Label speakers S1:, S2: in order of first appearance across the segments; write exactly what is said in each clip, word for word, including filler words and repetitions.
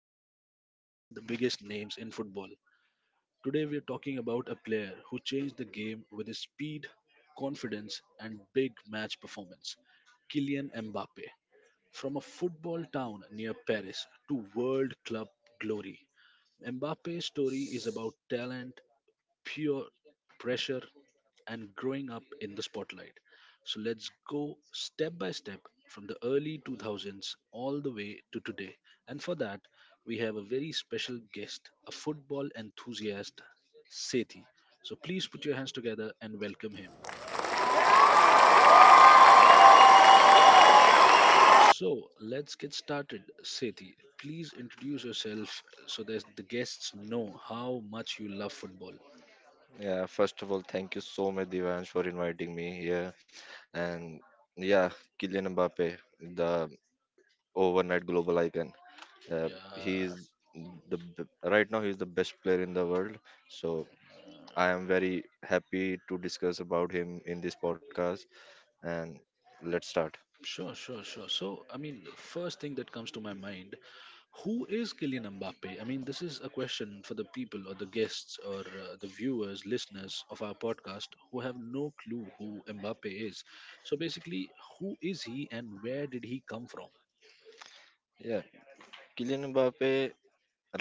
S1: journey behind the biggest names in football. Today we are talking about a player who changed the game with his speed, confidence, and big match performance Kylian Mbappe. From a football town near Paris to world club glory, Mbappe's story is about talent, pure pressure and growing up in the spotlight. So let's go step by step from the early two thousands all the way to today. And for that, we have a very special guest, a football enthusiast, Sethi. So please put your hands together and welcome him. So let's get started, Sethi. Please introduce yourself so that the guests know how much you love football.
S2: Yeah, first of all, thank you so much, Devansh, for inviting me here. And yeah, Kylian Mbappe, the overnight global icon. Uh, he
S1: Yeah,
S2: the b- right now he's the best player in the world. So I am very happy to discuss about him in this podcast. And let's start.
S1: sure, sure, sure. So, I mean, the first thing that comes to my mind, who is Kylian Mbappe? I mean, this is a question for the people or the guests or uh, the viewers, listeners of our podcast who have no clue who Mbappe is. So, basically, who is he and where did he come from?
S2: Yeah, Kylian Mbappe.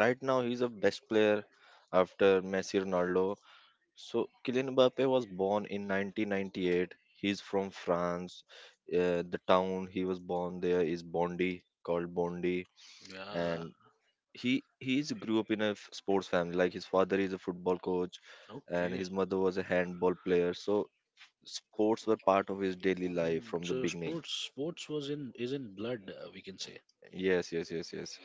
S2: Right now he's the best player after Messi, Ronaldo. So Kylian Mbappe was born in nineteen ninety-eight. He's from France. Uh, the town he was born there is Bondy, called Bondy,
S1: Yeah,
S2: and he he's grew up in a f- sports family. Like his father is a football coach, and
S1: okay.
S2: his mother was a handball player. So sports were part of his daily life
S1: Mm,
S2: from the
S1: so,
S2: beginning.
S1: sports sports was in is in blood, uh, we can say.
S2: Yes, yes, yes, yes.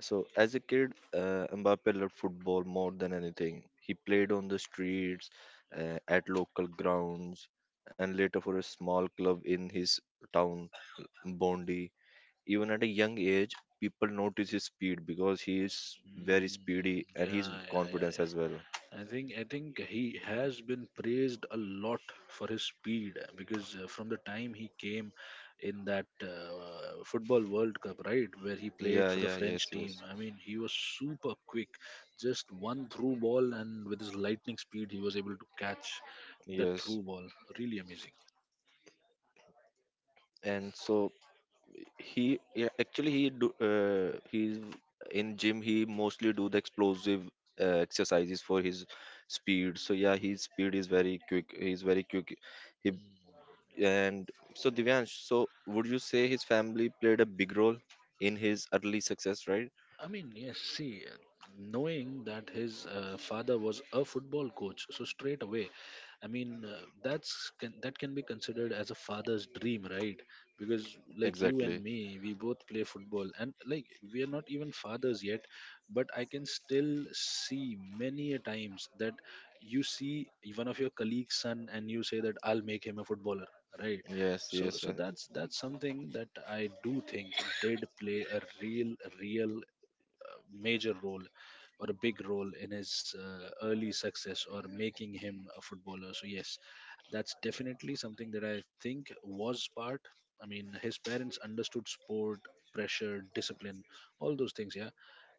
S2: So as a kid, uh, Mbappe loved football more than anything. He played on the streets, uh, at local grounds, and later for a small club in his town, Bondi. Even at a young age, people notice his speed because he is very
S1: Mm,
S2: speedy and his
S1: yeah, yeah, yeah,
S2: confidence as
S1: yeah.
S2: well.
S1: I think I think he has been praised a lot for his speed uh, because uh, from the time he came in that uh, football World Cup, right, where he
S2: Yeah,
S1: played for the
S2: yeah, yes,
S1: French team,
S2: yes,
S1: I mean, he was super quick. Just one through ball, and with his lightning speed, he was able to catch that
S2: yes.
S1: through ball. Really amazing.
S2: And so he yeah, actually he do uh, he's in gym he mostly do the explosive uh, exercises for his speed. So yeah, his speed is very quick, he's very quick. He and so, Divyansh, so would you say his family played a big role in his early success, right?
S1: I mean, yes, see, uh, knowing that his uh, father was a football coach, so straight away, I mean, uh, that's can, that can be considered as a father's dream, right? Because like you and
S2: Exactly.
S1: me, we both play football, and like we are not even fathers yet, but I can still see many a times that you see one of your colleagues' son, and you say that I'll make him a footballer, right?
S2: Yes,
S1: So,
S2: yes, yeah.
S1: so that's that's something that I do think did play a real, real major role or a big role in his uh, early success or making him a footballer. So, yes, that's definitely something that I think was part. I mean, his parents understood sport, pressure, discipline, all those things, yeah.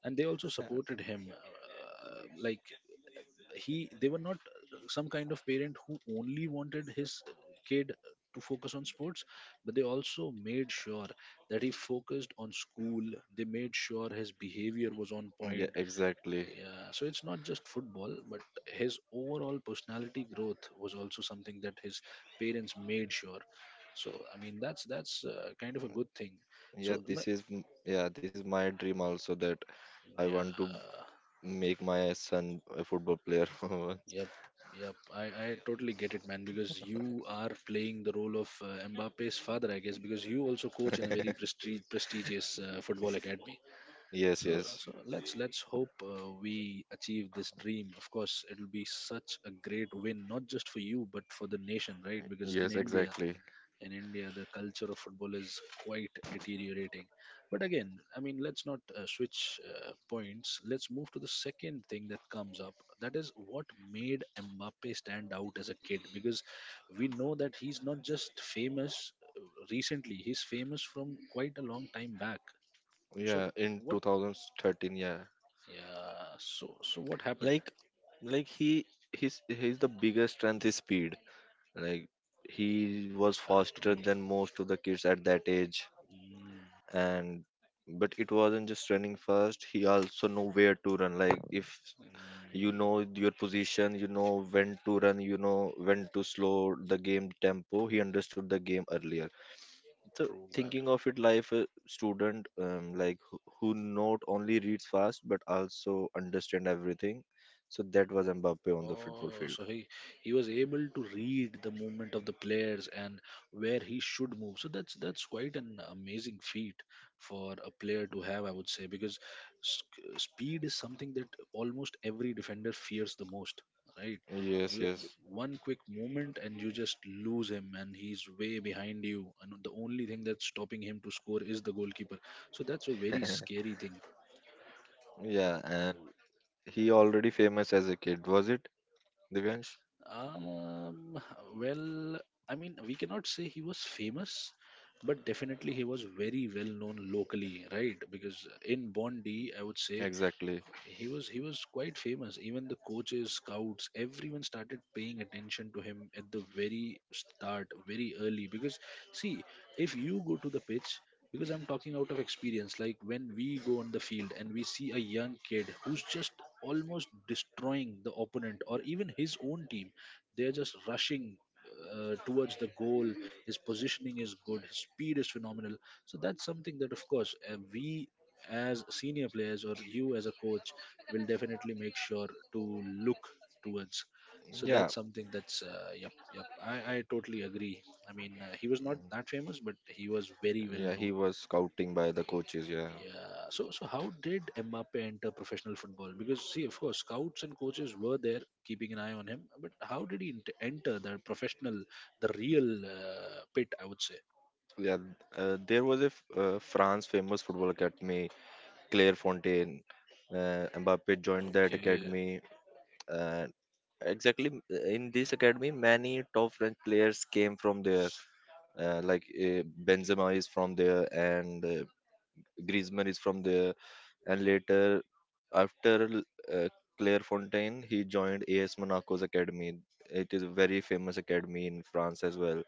S1: And they also supported him. Uh, like, he they were not some kind of parent who only wanted his kid to focus on sports, but they also made sure that he focused on school. They made sure his behavior was on
S2: Yeah,
S1: point.
S2: exactly.
S1: Yeah, so it's not just football, but his overall personality growth was also something that his parents made sure. So I mean, that's that's uh, kind of a good thing.
S2: yeah
S1: so m-
S2: this is m- yeah, this is my dream also, that I want to
S1: yeah.
S2: make my son a football player for once.
S1: Yep, yep. I, I totally get it, man, because you are playing the role of uh, Mbappe's father, I guess, because you also coach in a very prestige, prestigious uh, football academy.
S2: Yes,
S1: So,
S2: yes.
S1: so let's let's hope uh, we achieve this dream. Of course, it'll be such a great win, not just for you, but for the nation, right? Because in
S2: Yes,
S1: India,
S2: exactly.
S1: in India, the culture of football is quite deteriorating. But again, I mean, let's not uh, switch uh, points. Let's move to the second thing that comes up. That is what made Mbappe stand out as a kid because we know that he's not just famous uh, recently, he's famous from quite a long time back. So,
S2: Yeah, in
S1: what?
S2: two thousand thirteen, yeah.
S1: Yeah, so so what happened?
S2: Like like he his his the biggest strength is speed. Like, he was
S1: Yeah,
S2: faster
S1: true.
S2: than most of the kids at that age,
S1: Mm,
S2: and but it wasn't just running fast, he also know where to run. Like if you know
S1: mm,
S2: your position, you know when to run, you know when to slow the game tempo. He understood the game earlier. So
S1: true, man.
S2: thinking of it like a student, um, like who, who not only reads fast but also understand everything. So that was Mbappe on the football
S1: Oh,
S2: field.
S1: so he he was able to read the movement of the players and where he should move. So that's that's quite an amazing feat for a player to have, I would say, because sc- speed is something that almost every defender fears the most, right?
S2: Yes,
S1: You-
S2: yes.
S1: One quick movement and you just lose him, and he's way behind you, and the only thing that's stopping him to score is the goalkeeper. So that's a very scary thing. Yeah,
S2: Yeah, and he already famous as a kid, was it, Divyansh?
S1: um, well, I mean, we cannot say he was famous, but definitely he was very well known locally, right? Because in Bondi, I would say
S2: Exactly.
S1: he was he was quite famous. Even the coaches, scouts, everyone started paying attention to him at the very start, very early, because see, if you go to the pitch, because I'm talking out of experience, like when we go on the field and we see a young kid who's just almost destroying the opponent or even his own team, they're just rushing uh, towards the goal. His positioning is good. His speed is phenomenal. So that's something that, of course, uh, we as senior players or you as a coach will definitely make sure to look towards. So
S2: Yeah,
S1: that's something that's uh, yep, yep. I I totally agree. I mean, uh, he was not that famous, but he was very well
S2: yeah, he
S1: known.
S2: was scouting by the coaches. Yeah,
S1: Yeah. So so how did Mbappe enter professional football? Because see, of course, scouts and coaches were there keeping an eye on him, but how did he ent- enter the professional, the real uh, pit? I would say.
S2: yeah. Uh, there was a f- uh, France famous football academy, Clairefontaine. Uh, Mbappe joined that
S1: Okay.
S2: academy. Uh, exactly, in this academy many top French players came from there, uh, like uh, Benzema is from there, and uh, Griezmann is from there. And later, after l- uh, claire fontaine he joined as Monaco's academy. It is a very famous academy in France as well,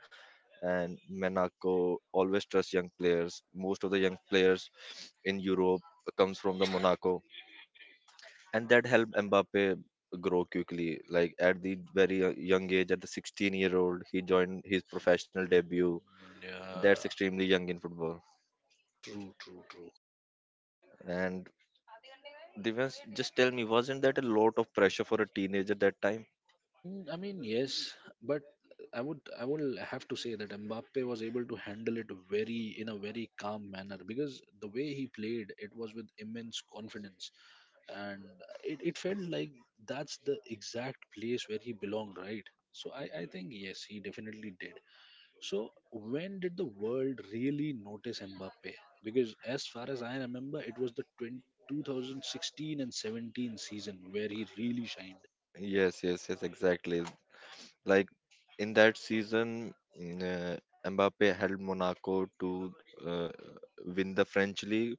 S2: and Monaco always trusts young players. Most of the young players in Europe comes from the Monaco, and that helped Mbappe grow quickly. Like at the very uh, young age, at the sixteen year old, he joined his professional debut. That's
S1: Yeah.
S2: extremely young in football.
S1: True. True. True.
S2: And Divyansh, just tell me, wasn't that a lot of pressure for a teenager that time?
S1: Mm, I mean, yes, but I would I would have to say that Mbappe was able to handle it very in a very calm manner because the way he played it was with immense confidence, and it, it felt like that's the exact place where he belonged, right? So I, I think yes, he definitely did. So when did the world really notice Mbappe? Because as far as I remember, it was the twenty twenty sixteen and seventeen season where he really shined.
S2: Yes, yes, yes, exactly. Like in that season, mm, uh, Mbappe helped Monaco to uh, win the French league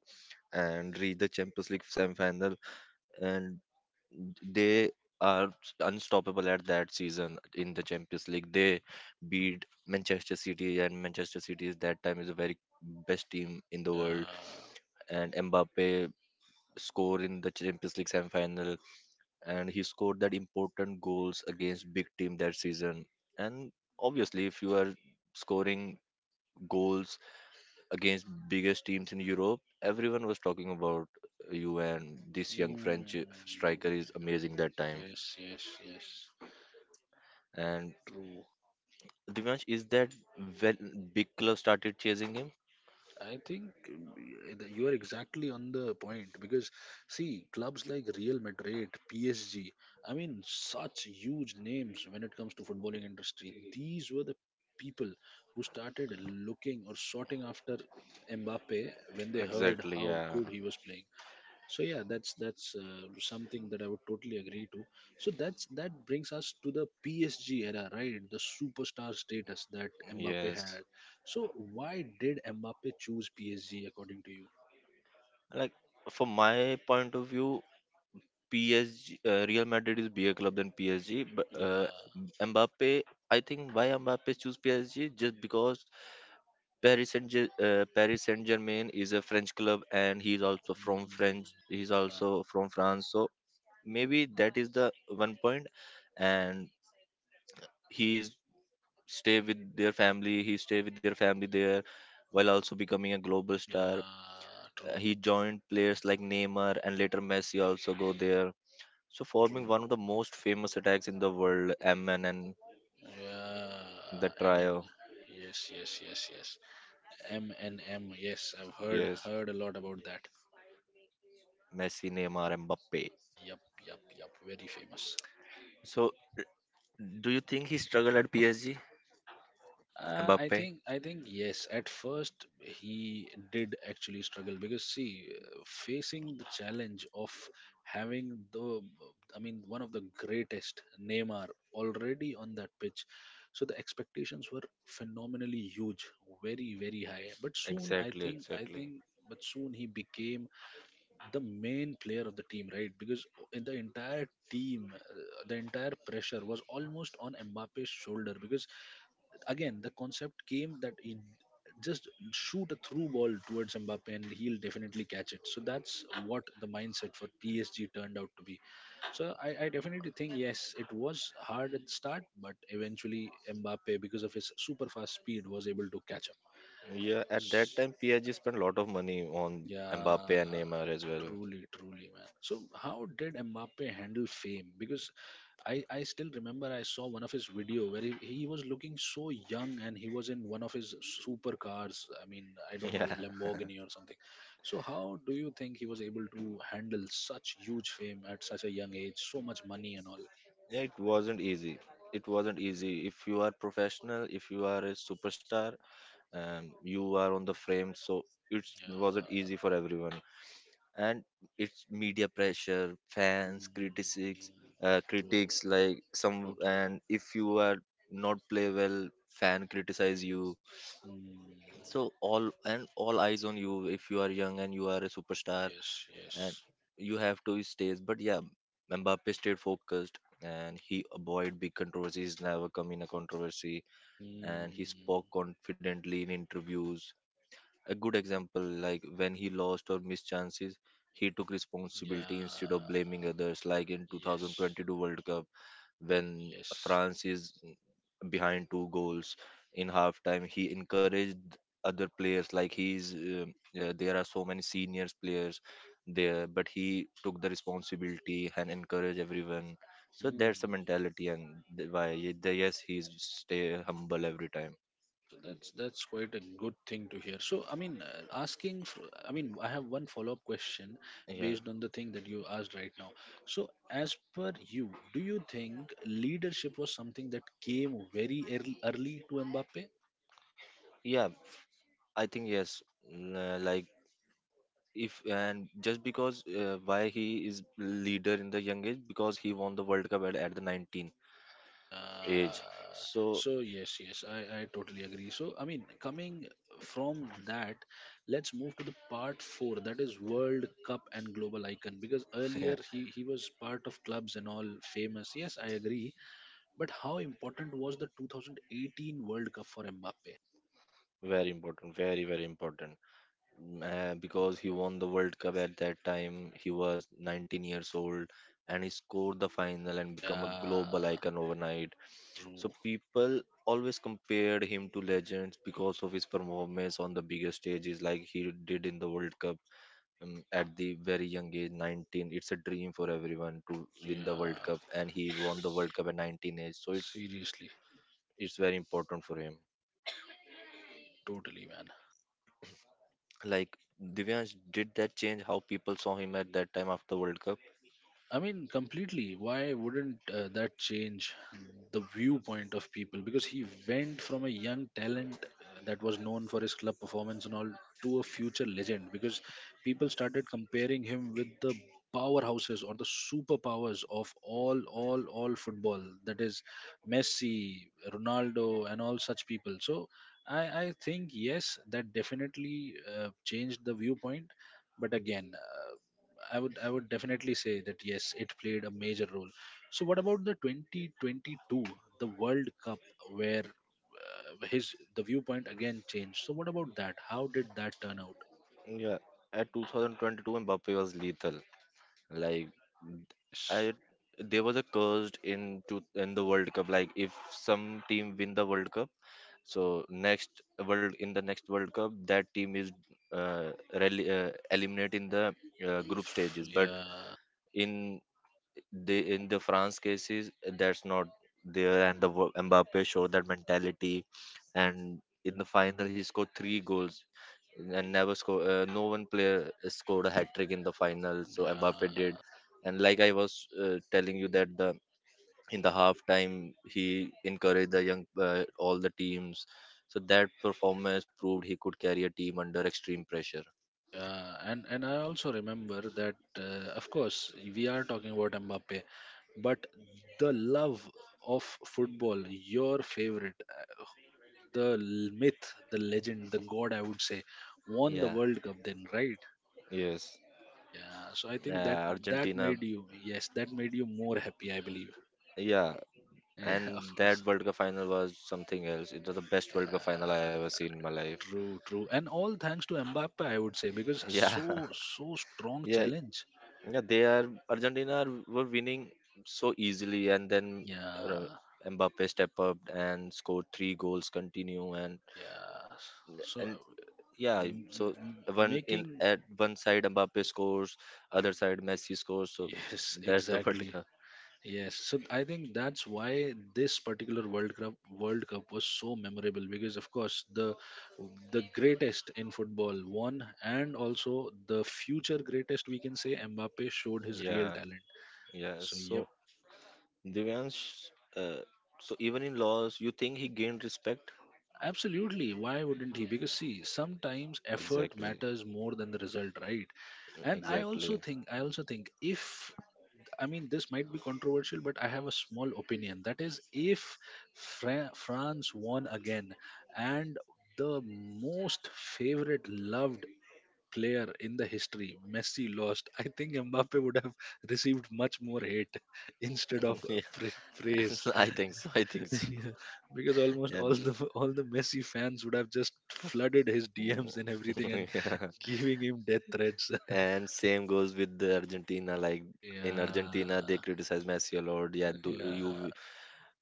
S2: and reach the Champions League semi-final. And they are unstoppable at that season in the Champions League. They beat Manchester City, and Manchester City is that time is a very best team in the world.
S1: Yeah.
S2: And Mbappe score in the Champions League semi-final, and he scored that important goals against big team that season. And obviously, if you are scoring goals against biggest teams in Europe, everyone was talking about you, and this young French
S1: Mm,
S2: striker is amazing that time.
S1: yes, yes, yes.
S2: And
S1: True.
S2: Divyansh, is that when big club started chasing him?
S1: I think mm, that you are exactly on the point because, see, clubs like Real Madrid, P S G, I mean, such huge names when it comes to footballing industry. These were the people who started looking or sorting after Mbappe when they heard
S2: Exactly,
S1: how
S2: yeah.
S1: good he was playing. So yeah, that's that's uh, something that I would totally agree to. So that's that brings us to the PSG era, right? The superstar status that Mbappe
S2: Yes.
S1: had. So why did Mbappe choose PSG according to you?
S2: Like, from my point of view, P S G, uh, Real Madrid is bigger club than P S G. But
S1: Yeah,
S2: uh, Mbappe, I think why Mbappe choose P S G just because Paris Saint Ge- uh, Paris Saint Germain is a French club and he's also from
S1: mm,
S2: French. He's
S1: yeah.
S2: also from France, so maybe that is the one point. And he's stay with their family he stay with their family there, while also becoming a global star.
S1: Yeah,
S2: Uh,
S1: true.
S2: he joined players like Neymar, and later Messi also go there, so forming
S1: true
S2: one of the most famous attacks in the world, M N, and the
S1: yeah, mn.
S2: trio.
S1: Yes, yes, yes, yes, mnm. Yes, I've heard
S2: Yes.
S1: heard a lot about that.
S2: Messi, Neymar, Mbappe.
S1: Yep, yep, yep. Very famous.
S2: So do you think he struggled at PSG?
S1: Uh, I
S2: Mbappe.
S1: think I think yes. At first, he did actually struggle because see, uh, facing the challenge of having the, I mean, one of the greatest Neymar already on that pitch, so the expectations were phenomenally huge, very very high. But soon, I
S2: Exactly,
S1: think I
S2: exactly.
S1: think, but soon he became the main player of the team, right? Because in the entire team, uh, the entire pressure was almost on Mbappe's shoulder. Because again, the concept came that he just shoot a through ball towards Mbappe and he'll definitely catch it. So that's what the mindset for P S G turned out to be. So I, I definitely think yes, it was hard at the start, but eventually Mbappe, because of his super fast speed, was able to catch up.
S2: Yeah, at that time PSG spent a lot of money on
S1: Yeah,
S2: Mbappe and Neymar as well.
S1: truly, truly, man. So, how did Mbappe handle fame? Because I, I still remember I saw one of his video where he, he was looking so young and he was in one of his supercars. I mean, I don't
S2: Yeah.
S1: know, Lamborghini or something. So, how do you think he was able to handle such huge fame at such a young age, so much money and all?
S2: It wasn't easy. It wasn't easy. If you are professional, if you are a superstar, um, you are on the frame, so it
S1: Yeah,
S2: wasn't easy for everyone. And it's media pressure, fans,
S1: mm,
S2: critics, uh,
S1: true,
S2: critics like some.
S1: totally.
S2: And if you are not play well, fan criticize you.
S1: Mm,
S2: So all and all eyes on you. If you are young and you are a superstar,
S1: yes,
S2: and
S1: yes.
S2: you have to stays. But yeah, Mbappe stayed focused, and he avoid big controversies, never come in a controversy, and he
S1: Mm,
S2: spoke confidently in interviews. A good example, like when he lost or missed chances, he took responsibility instead of
S1: yeah.
S2: blaming others, like in
S1: Yes,
S2: twenty twenty-two World Cup when
S1: yes.
S2: France is behind two goals in halftime. He encouraged other players. Like he's um, uh, There are so many seniors players there, but he took the responsibility and encouraged everyone. So
S1: Mm.
S2: that's the mentality, and th- why y- the, yes, he's stay humble every time.
S1: So that's that's quite a good thing to hear. So I mean, uh, asking. For, I mean, I have one follow-up question
S2: Yeah,
S1: based on the thing that you asked right now. So, as per you, do you think leadership was something that came very early, early to Mbappe?
S2: yeah, I think yes. mm, uh, Like if and just because uh, why he is leader in the young age, because he won the World Cup at, at the nineteen
S1: Yeah.
S2: age, so
S1: So yes, yes, I, I totally agree. So I mean, coming from that, let's move to the part four. That is World Cup and global icon. Because
S2: yeah.
S1: earlier he he was part of clubs and all famous. Yes, I agree. But how important was the twenty eighteen World Cup for Mbappe?
S2: Very important, very very important. Mm, uh, because he won the world cup, at that time he was nineteen years old, and he scored the final and become a
S1: Yeah,
S2: global icon overnight. So
S1: true.
S2: people always compared him to legends because of his performance on the bigger stages, like he did in the world cup. Um, at the very young age nineteen, it's a dream for everyone to win the world
S1: Yeah,
S2: cup, and he won the world cup at nineteen age, so it's
S1: seriously,
S2: it's very important for him.
S1: totally, man.
S2: Like, Divyansh, did that change how people saw him at that time after World Cup?
S1: I mean, completely. Why wouldn't uh, that change the viewpoint of people? Because he went from a young talent uh, that was known for his club performance and all to a future legend. Because people started comparing him with the powerhouses or the superpowers of all, all, all football. That is Messi, Ronaldo, and all such people. So I, I think yes, that definitely uh, changed the viewpoint. But again. uh, I would I would definitely say that yes, it played a major role. So what about the twenty twenty-two, the World Cup, where uh, his the viewpoint again changed? So what about that? How did that turn out?
S2: Yeah, at two thousand twenty-two, Mbappe was lethal. Like
S1: Yes.
S2: I, there was a curse in to in the World Cup. Like if some team win the World Cup, so next world in the next World Cup, that team is uh, rel- uh eliminate in the uh, group
S1: Oof,
S2: stages. But
S1: Yeah,
S2: in they in the France cases that's not there, and the wo- Mbappe showed that mentality, and in the final he scored three goals, and never score. Uh, no one player scored a hat trick in the final, so Mbappe did.
S1: yeah,
S2: And like I was uh, telling you that the in the half time he encouraged the young uh, all the teams. So that performance proved he could carry a team under extreme pressure.
S1: yeah, and and I also remember that, uh, of course, we are talking about Mbappe, but the love of football, your favorite, the l- myth, the legend, the god, I would say, won the
S2: Yeah.
S1: World Cup then, right?
S2: Yes.
S1: Yeah. So I think that
S2: Uh,
S1: that
S2: Argentina.
S1: made you, yes, that made you more happy, I believe.
S2: Yeah.
S1: Yeah, of
S2: And
S1: course.
S2: that World Cup final was something else. It was the best World Cup final I
S1: Uh,
S2: ever seen in my life.
S1: True, true. And all thanks to Mbappe, I would say, because
S2: Yeah,
S1: so, so strong
S2: yeah,
S1: challenge.
S2: yeah. They are Argentina are- were winning so easily, and then uh,
S1: Yeah,
S2: Mbappe stepped up and scored three goals continue, and
S1: yeah. So
S2: and yeah.
S1: m-
S2: So
S1: m- m-
S2: one in
S1: making,
S2: at one side Mbappe scores, other side Messi scores. So
S1: yes,
S2: that's the World
S1: exactly.
S2: Cup.
S1: Yes, so I think that's why this particular World Cup World Cup was so memorable because of course the the greatest in football won and also the future greatest, we can say, Mbappe showed his real
S2: Yeah,
S1: talent.
S2: yeah.
S1: So yep,
S2: So Divyansh, uh, so even in loss, you think he gained respect?
S1: absolutely. Why wouldn't he? Because see, sometimes effort
S2: Exactly.
S1: matters more than the result, right? And I
S2: Exactly.
S1: also think I also think if I mean, this might be controversial, but I have a small opinion. That is, if Fra- France won again, and the most favorite, loved player in the history, Messi, lost, I think Mbappe would have received much more hate instead of
S2: Yeah,
S1: pra- praise.
S2: I think so. I think so.
S1: Yeah, because almost
S2: Yeah.
S1: all the all the Messi fans would have just flooded his D Ms and everything and
S2: Yeah.
S1: giving him death threats.
S2: And same goes with the Argentina. Like, in Argentina, they
S1: Yeah,
S2: criticize Messi a lot. Yeah, do
S1: yeah.
S2: you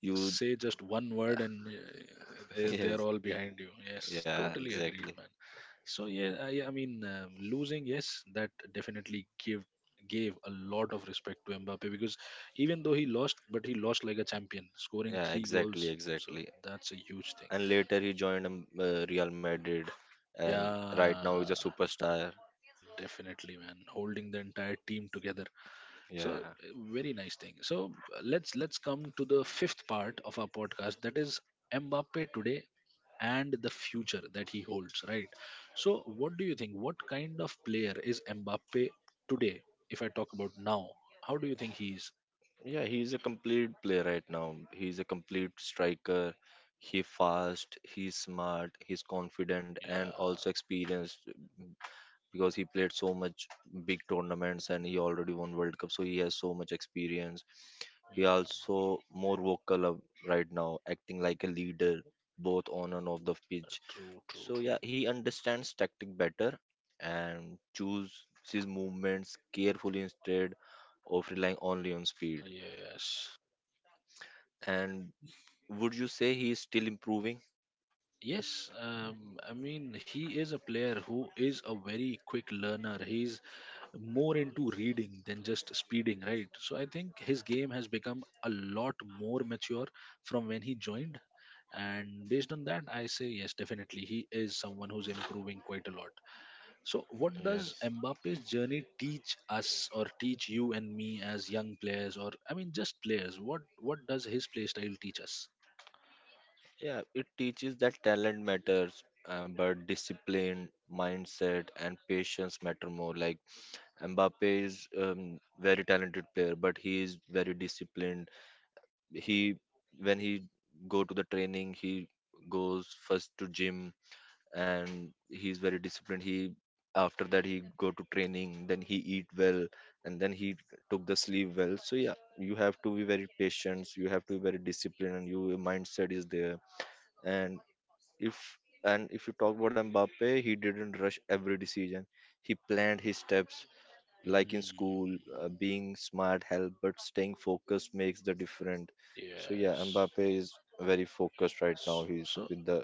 S2: you
S1: Say just one word and uh, uh, they're
S2: yes.
S1: all behind you. Yes,
S2: Yeah,
S1: totally agreed,
S2: exactly.
S1: man. So yeah, i, I mean, um, losing, yes, that definitely give gave a lot of respect to Mbappe, because even though he lost, but he lost like a champion, scoring
S2: Yeah,
S1: three
S2: exactly,
S1: goals. So
S2: exactly.
S1: that's a huge thing.
S2: And later he joined um, uh, Real Madrid, and right
S1: Yeah,
S2: now he's a superstar.
S1: definitely, man, holding the entire team together. So
S2: Yeah.
S1: uh, very nice thing. So uh, let's let's come to the fifth part of our podcast, that is Mbappe today and the future that he holds, right? So, what do you think? What kind of player is Mbappe today? If I talk about now, how do you think he is?
S2: Yeah, he's a complete player right now. He's a complete striker. He fast, he's smart, he's confident, and
S1: Yeah,
S2: also experienced because he played so much big tournaments, and he already won World Cup, so he has so much experience. He
S1: mm,
S2: also more vocal of- right now, acting like a leader both on and off the pitch.
S1: true, true,
S2: So
S1: true.
S2: yeah, he understands tactic better and chooses his movements carefully instead of relying only on speed.
S1: Yes.
S2: And would you say he is still improving?
S1: Yes, um, I mean, he is a player who is a very quick learner. He's more into reading than just speeding, right? So I think his game has become a lot more mature from when he joined, and based on that I say yes, definitely he is someone who's improving quite a lot. So what does
S2: Yes.
S1: Mbappe's journey teach us, or teach you and me as young players, or I mean just players, what what does his play style teach us?
S2: Yeah, it teaches that talent matters, uh, but discipline, mindset, and patience matter more. Like Mbappe is um, very talented player, but he is very disciplined. He when he go to the training, he goes first to gym, and he's very disciplined. He after that he go to training, then he eat well, and then he took the sleep well. So yeah, you have to be very patient, you have to be very disciplined, and your mindset is there. And if and if you talk about Mbappe, he didn't rush every decision, he planned his steps. Like in school,
S1: Mm,
S2: uh, being smart help, but staying focused makes the difference. So yeah,
S1: yes.
S2: Mbappe is very focused right now.
S1: S-
S2: He's
S1: so
S2: with the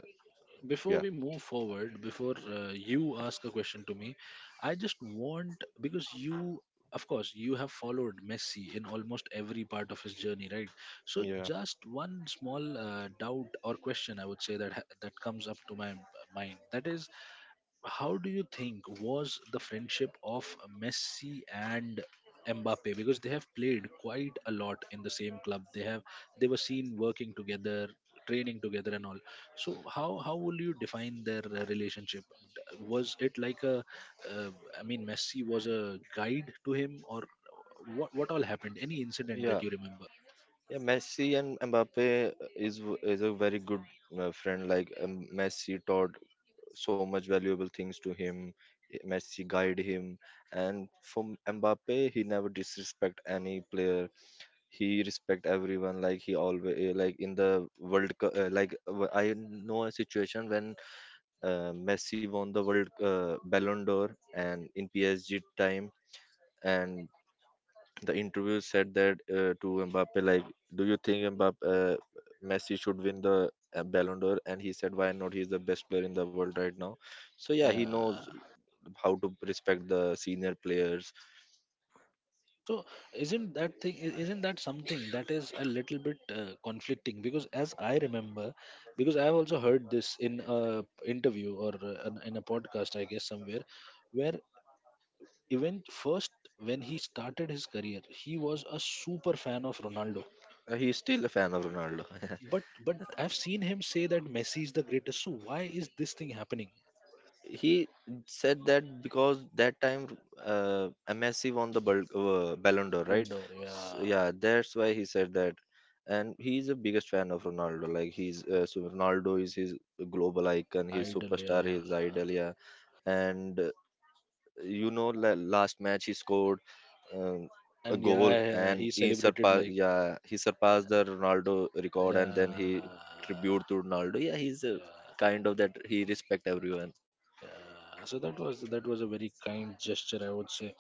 S1: before
S2: yeah.
S1: we move forward, before uh, you ask a question to me, I just want, because you, of course you have followed Messi in almost every part of his journey, right? So
S2: Yeah,
S1: just one small uh, doubt or question, I would say, that ha- that comes up to my m- mind. That is, how do you think was the friendship of Messi and Mbappe, because they have played quite a lot in the same club, they have, they were seen working together, training together and all. So how how will you define their uh, relationship? D- was it like a uh, I mean, Messi was a guide to him, or what what all happened? Any incident that
S2: yeah.
S1: you remember?
S2: Yeah, Messi and Mbappe is w- is a very good uh, friend. Like um, Messi taught so much valuable things to him. eh, Messi guided him, and from Mbappe, he never disrespect any player. He respect everyone. Like he always eh, like in the World Cup. Uh, like w- I know a situation when uh, Messi won the World uh, Ballon d'Or and in P S G time, and the interview said that uh, to Mbappe, like, do you think Mbappe, uh, Messi should win the uh, Ballon d'Or? And he said, why not? He's the best player in the world right now. So yeah, he knows
S1: Yeah.
S2: how to respect the senior players.
S1: So isn't that thing, i- isn't that something that is a little bit uh, conflicting? Because as I remember, because I have also heard this in a interview or uh, an- in a podcast I guess somewhere, where even first, when he started his career, he was a super fan of Ronaldo.
S2: Uh, he's still a fan of Ronaldo.
S1: but but I've seen him say that Messi is the greatest, so why is this thing happening?
S2: he said that because that time uh, M S C won the Bal- uh, Ballon d'Or,
S1: Ballon
S2: right?
S1: d'Or,
S2: S Yeah,
S1: yeah.
S2: that's why he said that. And he's a biggest fan of Ronaldo. Like he's uh, so Ronaldo is his global icon, his
S1: Idol,
S2: superstar,
S1: yeah.
S2: his idol. Yeah, and uh, you know, la- last match he scored um, a
S1: And
S2: goal
S1: yeah,
S2: and
S1: he
S2: he
S1: celebrated
S2: surpassed.
S1: like,
S2: Yeah, he surpassed the Ronaldo record,
S1: yeah,
S2: and then he tribute to Ronaldo. Yeah, he's a
S1: yeah.
S2: kind of that he respect everyone.
S1: Yeah, so that was that was a very kind gesture, I would say,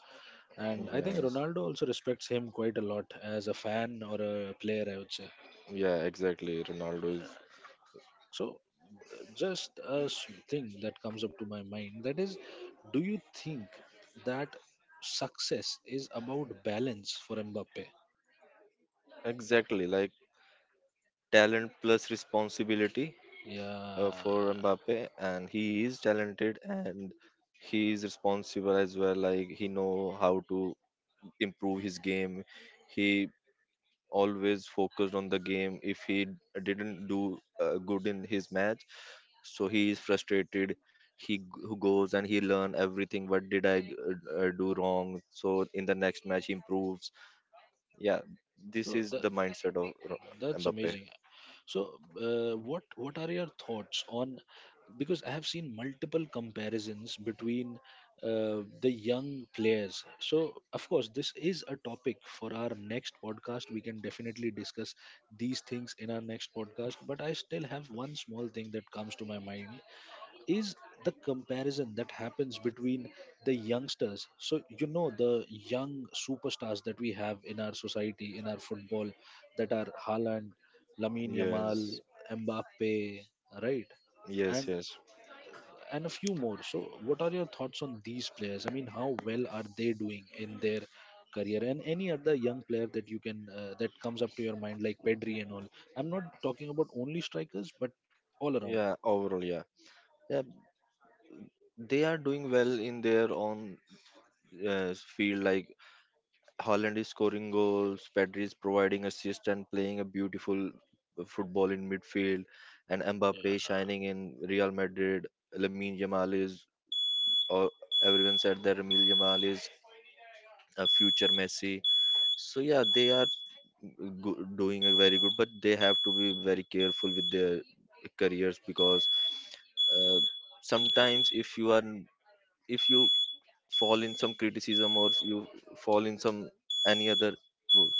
S1: and I think
S2: Yes.
S1: Ronaldo also respects him quite a lot, as a fan or a player, I would say.
S2: Yeah, exactly. Ronaldo is
S1: So, uh, just a s- thing that comes up to my mind, that is, do you think that success is about balance for Mbappe?
S2: exactly, like talent plus responsibility uh,
S1: Yeah.
S2: for Mbappe, and he is talented and he is responsible as well. Like he know how to improve his game. He always focused on the game. If he didn't do uh, good in his match, so he is frustrated. He g- goes and he learn everything. What did I uh, uh, do wrong? So in the next match, he improves. Yeah, this
S1: So
S2: is
S1: the,
S2: the mindset of Ro-
S1: that's
S2: Mbappe.
S1: amazing. So, uh, what what are your thoughts on? Because I have seen multiple comparisons between uh, the young players. So, of course, this is a topic for our next podcast. We can definitely discuss these things in our next podcast. But I still have one small thing that comes to my mind, is the comparison that happens between the youngsters. So you know, the young superstars that we have in our society, in our football, that are Haaland, Lamine Yamal,
S2: Yes,
S1: Mbappe, right?
S2: yes,
S1: and
S2: yes.
S1: and a few more. So what are your thoughts on these players? I mean, how well are they doing in their career, and any other young player that you can uh, that comes up to your mind, like Pedri and all? I'm not talking about only strikers, but all around.
S2: Yeah, overall, yeah. Yeah, they are doing well in their own uh, field. Like Holland is scoring goals, Pedri is providing assist and playing a beautiful football in midfield, and Mbappe shining in Real Madrid. Lamine Yamal is, or everyone said that Lamine Yamal is a future Messi. So yeah, they are go- doing a very good, but they have to be very careful with their careers because uh, sometimes if you are if you fall in some criticism, or you fall in some any other role.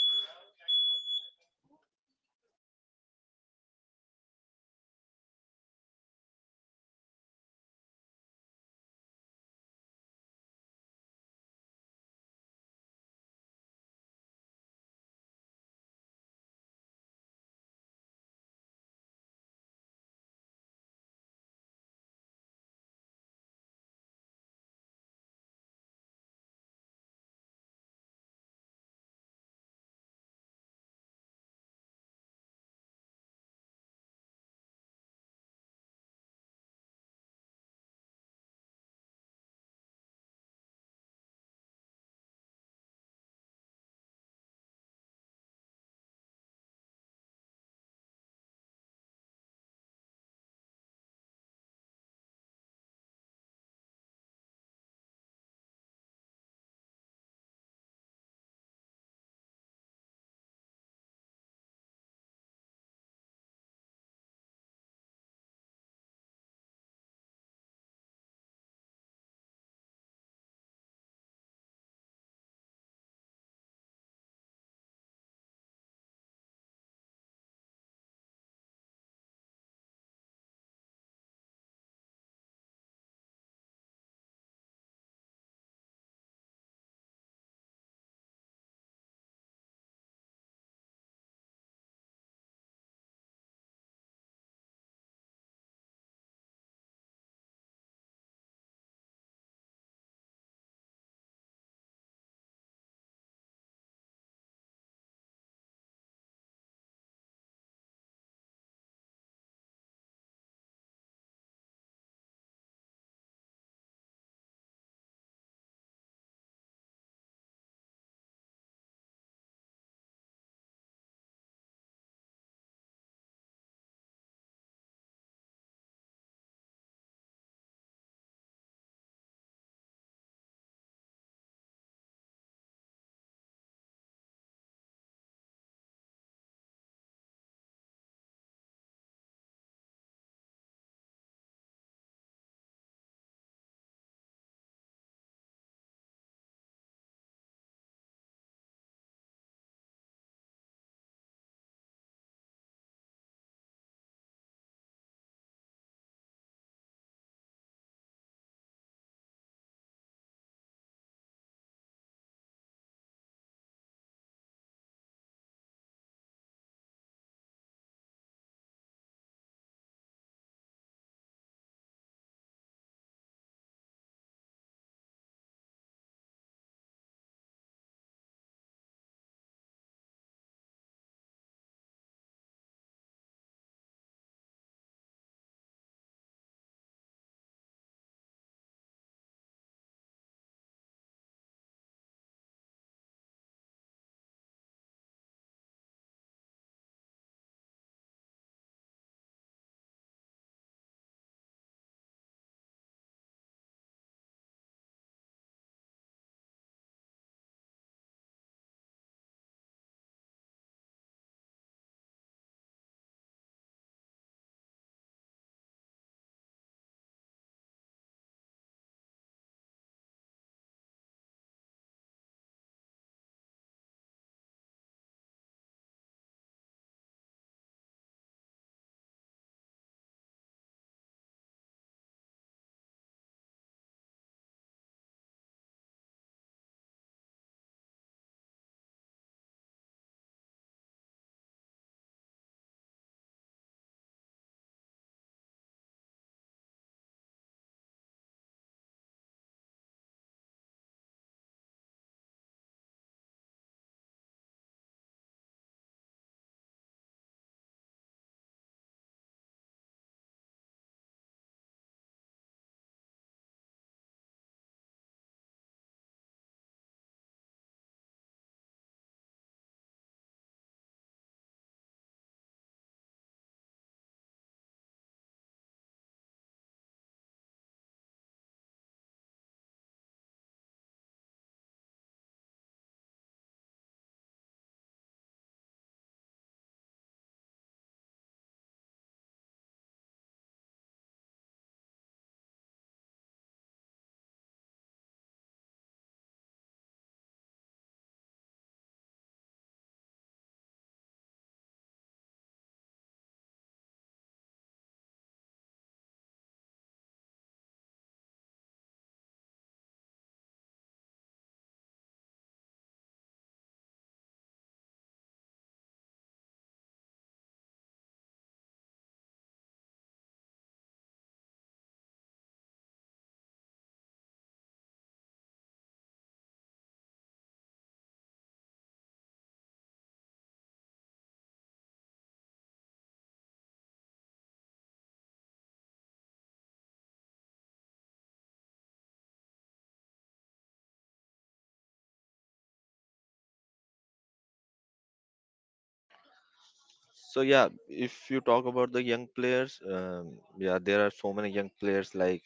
S2: So yeah, if you talk about the young players, um, yeah, there are so many young players like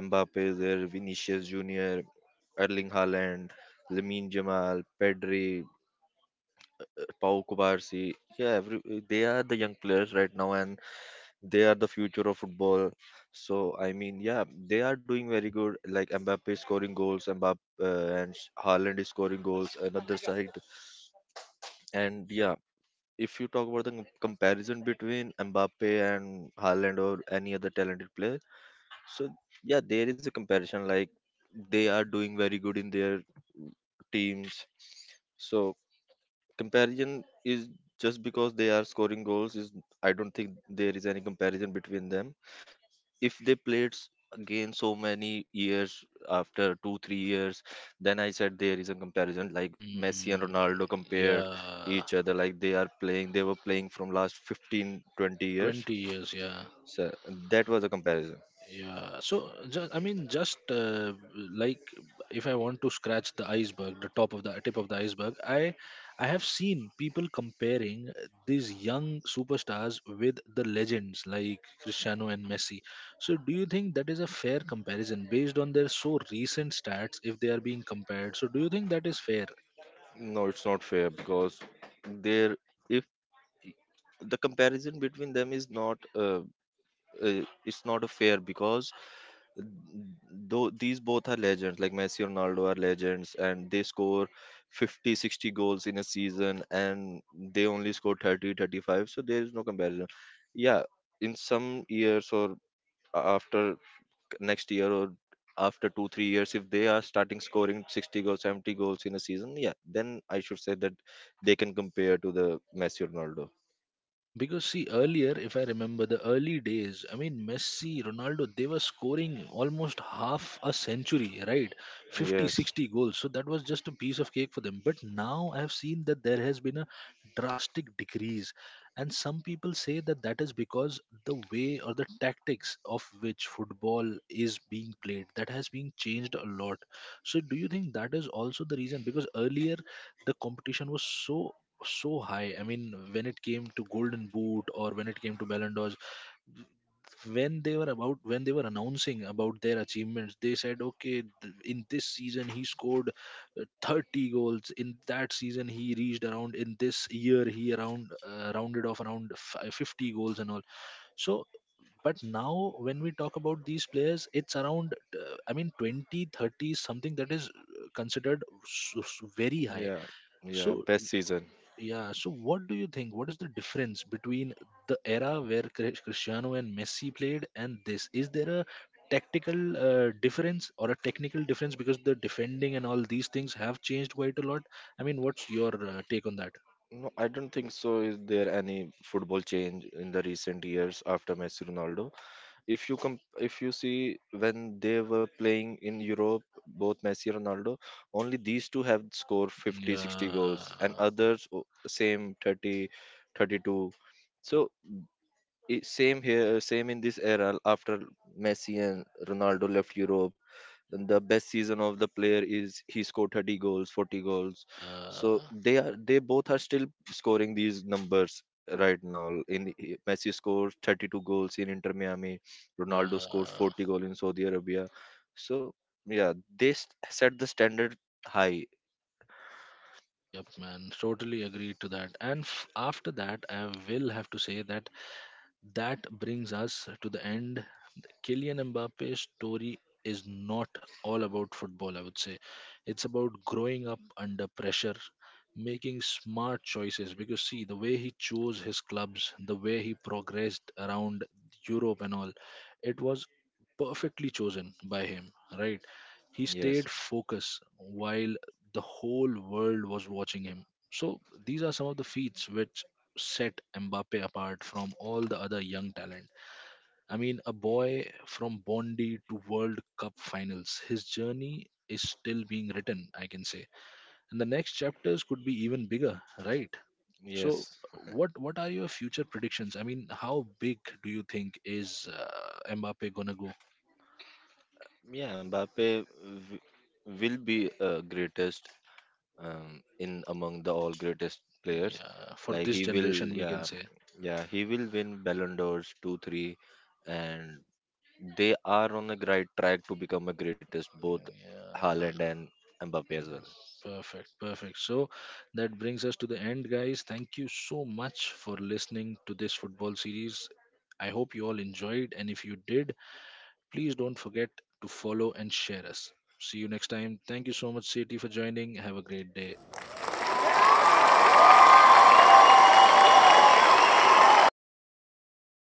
S2: Mbappe is there, Vinicius Junior, Erling Haaland, Lamine Jamal, Pedri, Pau Kubarsi, yeah, every, they are the young players right now, and they are the future of football. So I mean, yeah, they are doing very good. Like Mbappe is scoring goals, Mbappe uh, and Haaland is scoring goals. Another side, and yeah, if you talk about the com- comparison between Mbappe and Haaland or any other talented player, so yeah, there is a comparison. Like they are doing very good in their teams. So comparison is just because they are scoring goals. Is I don't think there is any comparison between them. If they played s- again so many years, after two three years, then I said there is a comparison, like Messi and
S1: Mm,
S2: Ronaldo compared
S1: yeah,
S2: each other. Like they are playing, they were playing from last fifteen twenty years.
S1: twenty years, yeah.
S2: So that was a comparison.
S1: Yeah, so ju- I mean, just uh, like, if I want to scratch the iceberg, the top of the tip of the iceberg, I I have seen people comparing these young superstars with the legends like Cristiano and Messi. So, do you think that is a fair comparison based on their so recent stats? If they are being compared, so do you think that is fair?
S2: No, it's not fair because there, if the comparison between them is not uh, uh, it's not a fair, because though these both are legends, like Messi and Ronaldo are legends and they score fifty, sixty goals in a season, and they only score thirty, thirty-five, so there is no comparison. Yeah, in some years or after next year or after two three years, if they are starting scoring sixty goals seventy goals in a season, yeah, then I should say that they can compare to the Messi or Ronaldo.
S1: Because see, earlier, if I remember the early days, I mean, Messi, Ronaldo, they were scoring almost half a century, right? Fifty,
S2: Yes.
S1: sixty goals. So that was just a piece of cake for them. But now I've seen that there has been a drastic decrease. And some people say that that is because the way or the tactics of which football is being played, that has been changed a lot. So do you think that is also the reason? Because earlier, the competition was so so high. I mean, when it came to Golden Boot or when it came to Ballon d'Or, when they were about, when they were announcing about their achievements, they said, okay, th- in this season he scored uh, thirty goals. In that season he reached around. In this year he around uh, rounded off around fi fifty goals and all. So, but now when we talk about these players, it's around. Uh, I mean, twenty, thirty, something that is uh, considered s- s- very high.
S2: Yeah, yeah,
S1: So.
S2: best season.
S1: Yeah, so what do you think? What is the difference between the era where Cri- Cristiano and Messi played and this? Is there a tactical uh, difference or a technical difference, because the defending and all these things have changed quite a lot? I mean, what's your uh, take on that?
S2: No, I don't think so. Is there any football change in the recent years after Messi Ronaldo? If you com- if you see when they were playing in Europe, both Messi and Ronaldo, only these two have scored fifty, sixty
S1: Yeah.
S2: goals, and others o- same thirty, thirty-two. So i- same here, same in this era after Messi and Ronaldo left Europe. And the best season of the player is he scored thirty goals forty goals, so
S1: Uh,
S2: they are, they both are still scoring these numbers right now. In Messi scores thirty-two goals in Inter Miami, Ronaldo scores
S1: yeah.
S2: forty goals in Saudi Arabia. So yeah, they s- set the standard high.
S1: Yep, man. Totally agree to that. And f- after that, I will have to say that that brings us to the end. Kylian Mbappe's story is not all about football, I would say. It's about growing up under pressure, making smart choices. Because, see, the way he chose his clubs, the way he progressed around Europe and all, it was perfectly chosen by him, right? He
S2: Yes,
S1: stayed focused while the whole world was watching him. So, these are some of the feats which set Mbappe apart from all the other young talent. I mean, a boy from Bondi to World Cup finals. His journey is still being written, I can say. And the next chapters could be even bigger, right? So,
S2: yes.
S1: what what are your future predictions? I mean, how big do you think is uh, Mbappe gonna go?
S2: Yeah, Mbappe w- will be uh, greatest um, in among the all greatest players.
S1: Yeah, for
S2: Like
S1: this
S2: he will,
S1: generation, we can
S2: yeah,
S1: say.
S2: yeah, he will win Ballon d'Ors two, three, and they are on the right track to become a greatest, both
S1: Yeah,
S2: Haaland and Mbappe as well.
S1: perfect, perfect. So that brings us to the end, guys. Thank you so much for listening to this football series. I hope you all enjoyed, and if you did, please don't forget to follow and share us. See you next time. Thank you so much, Seti, for joining. Have a great day.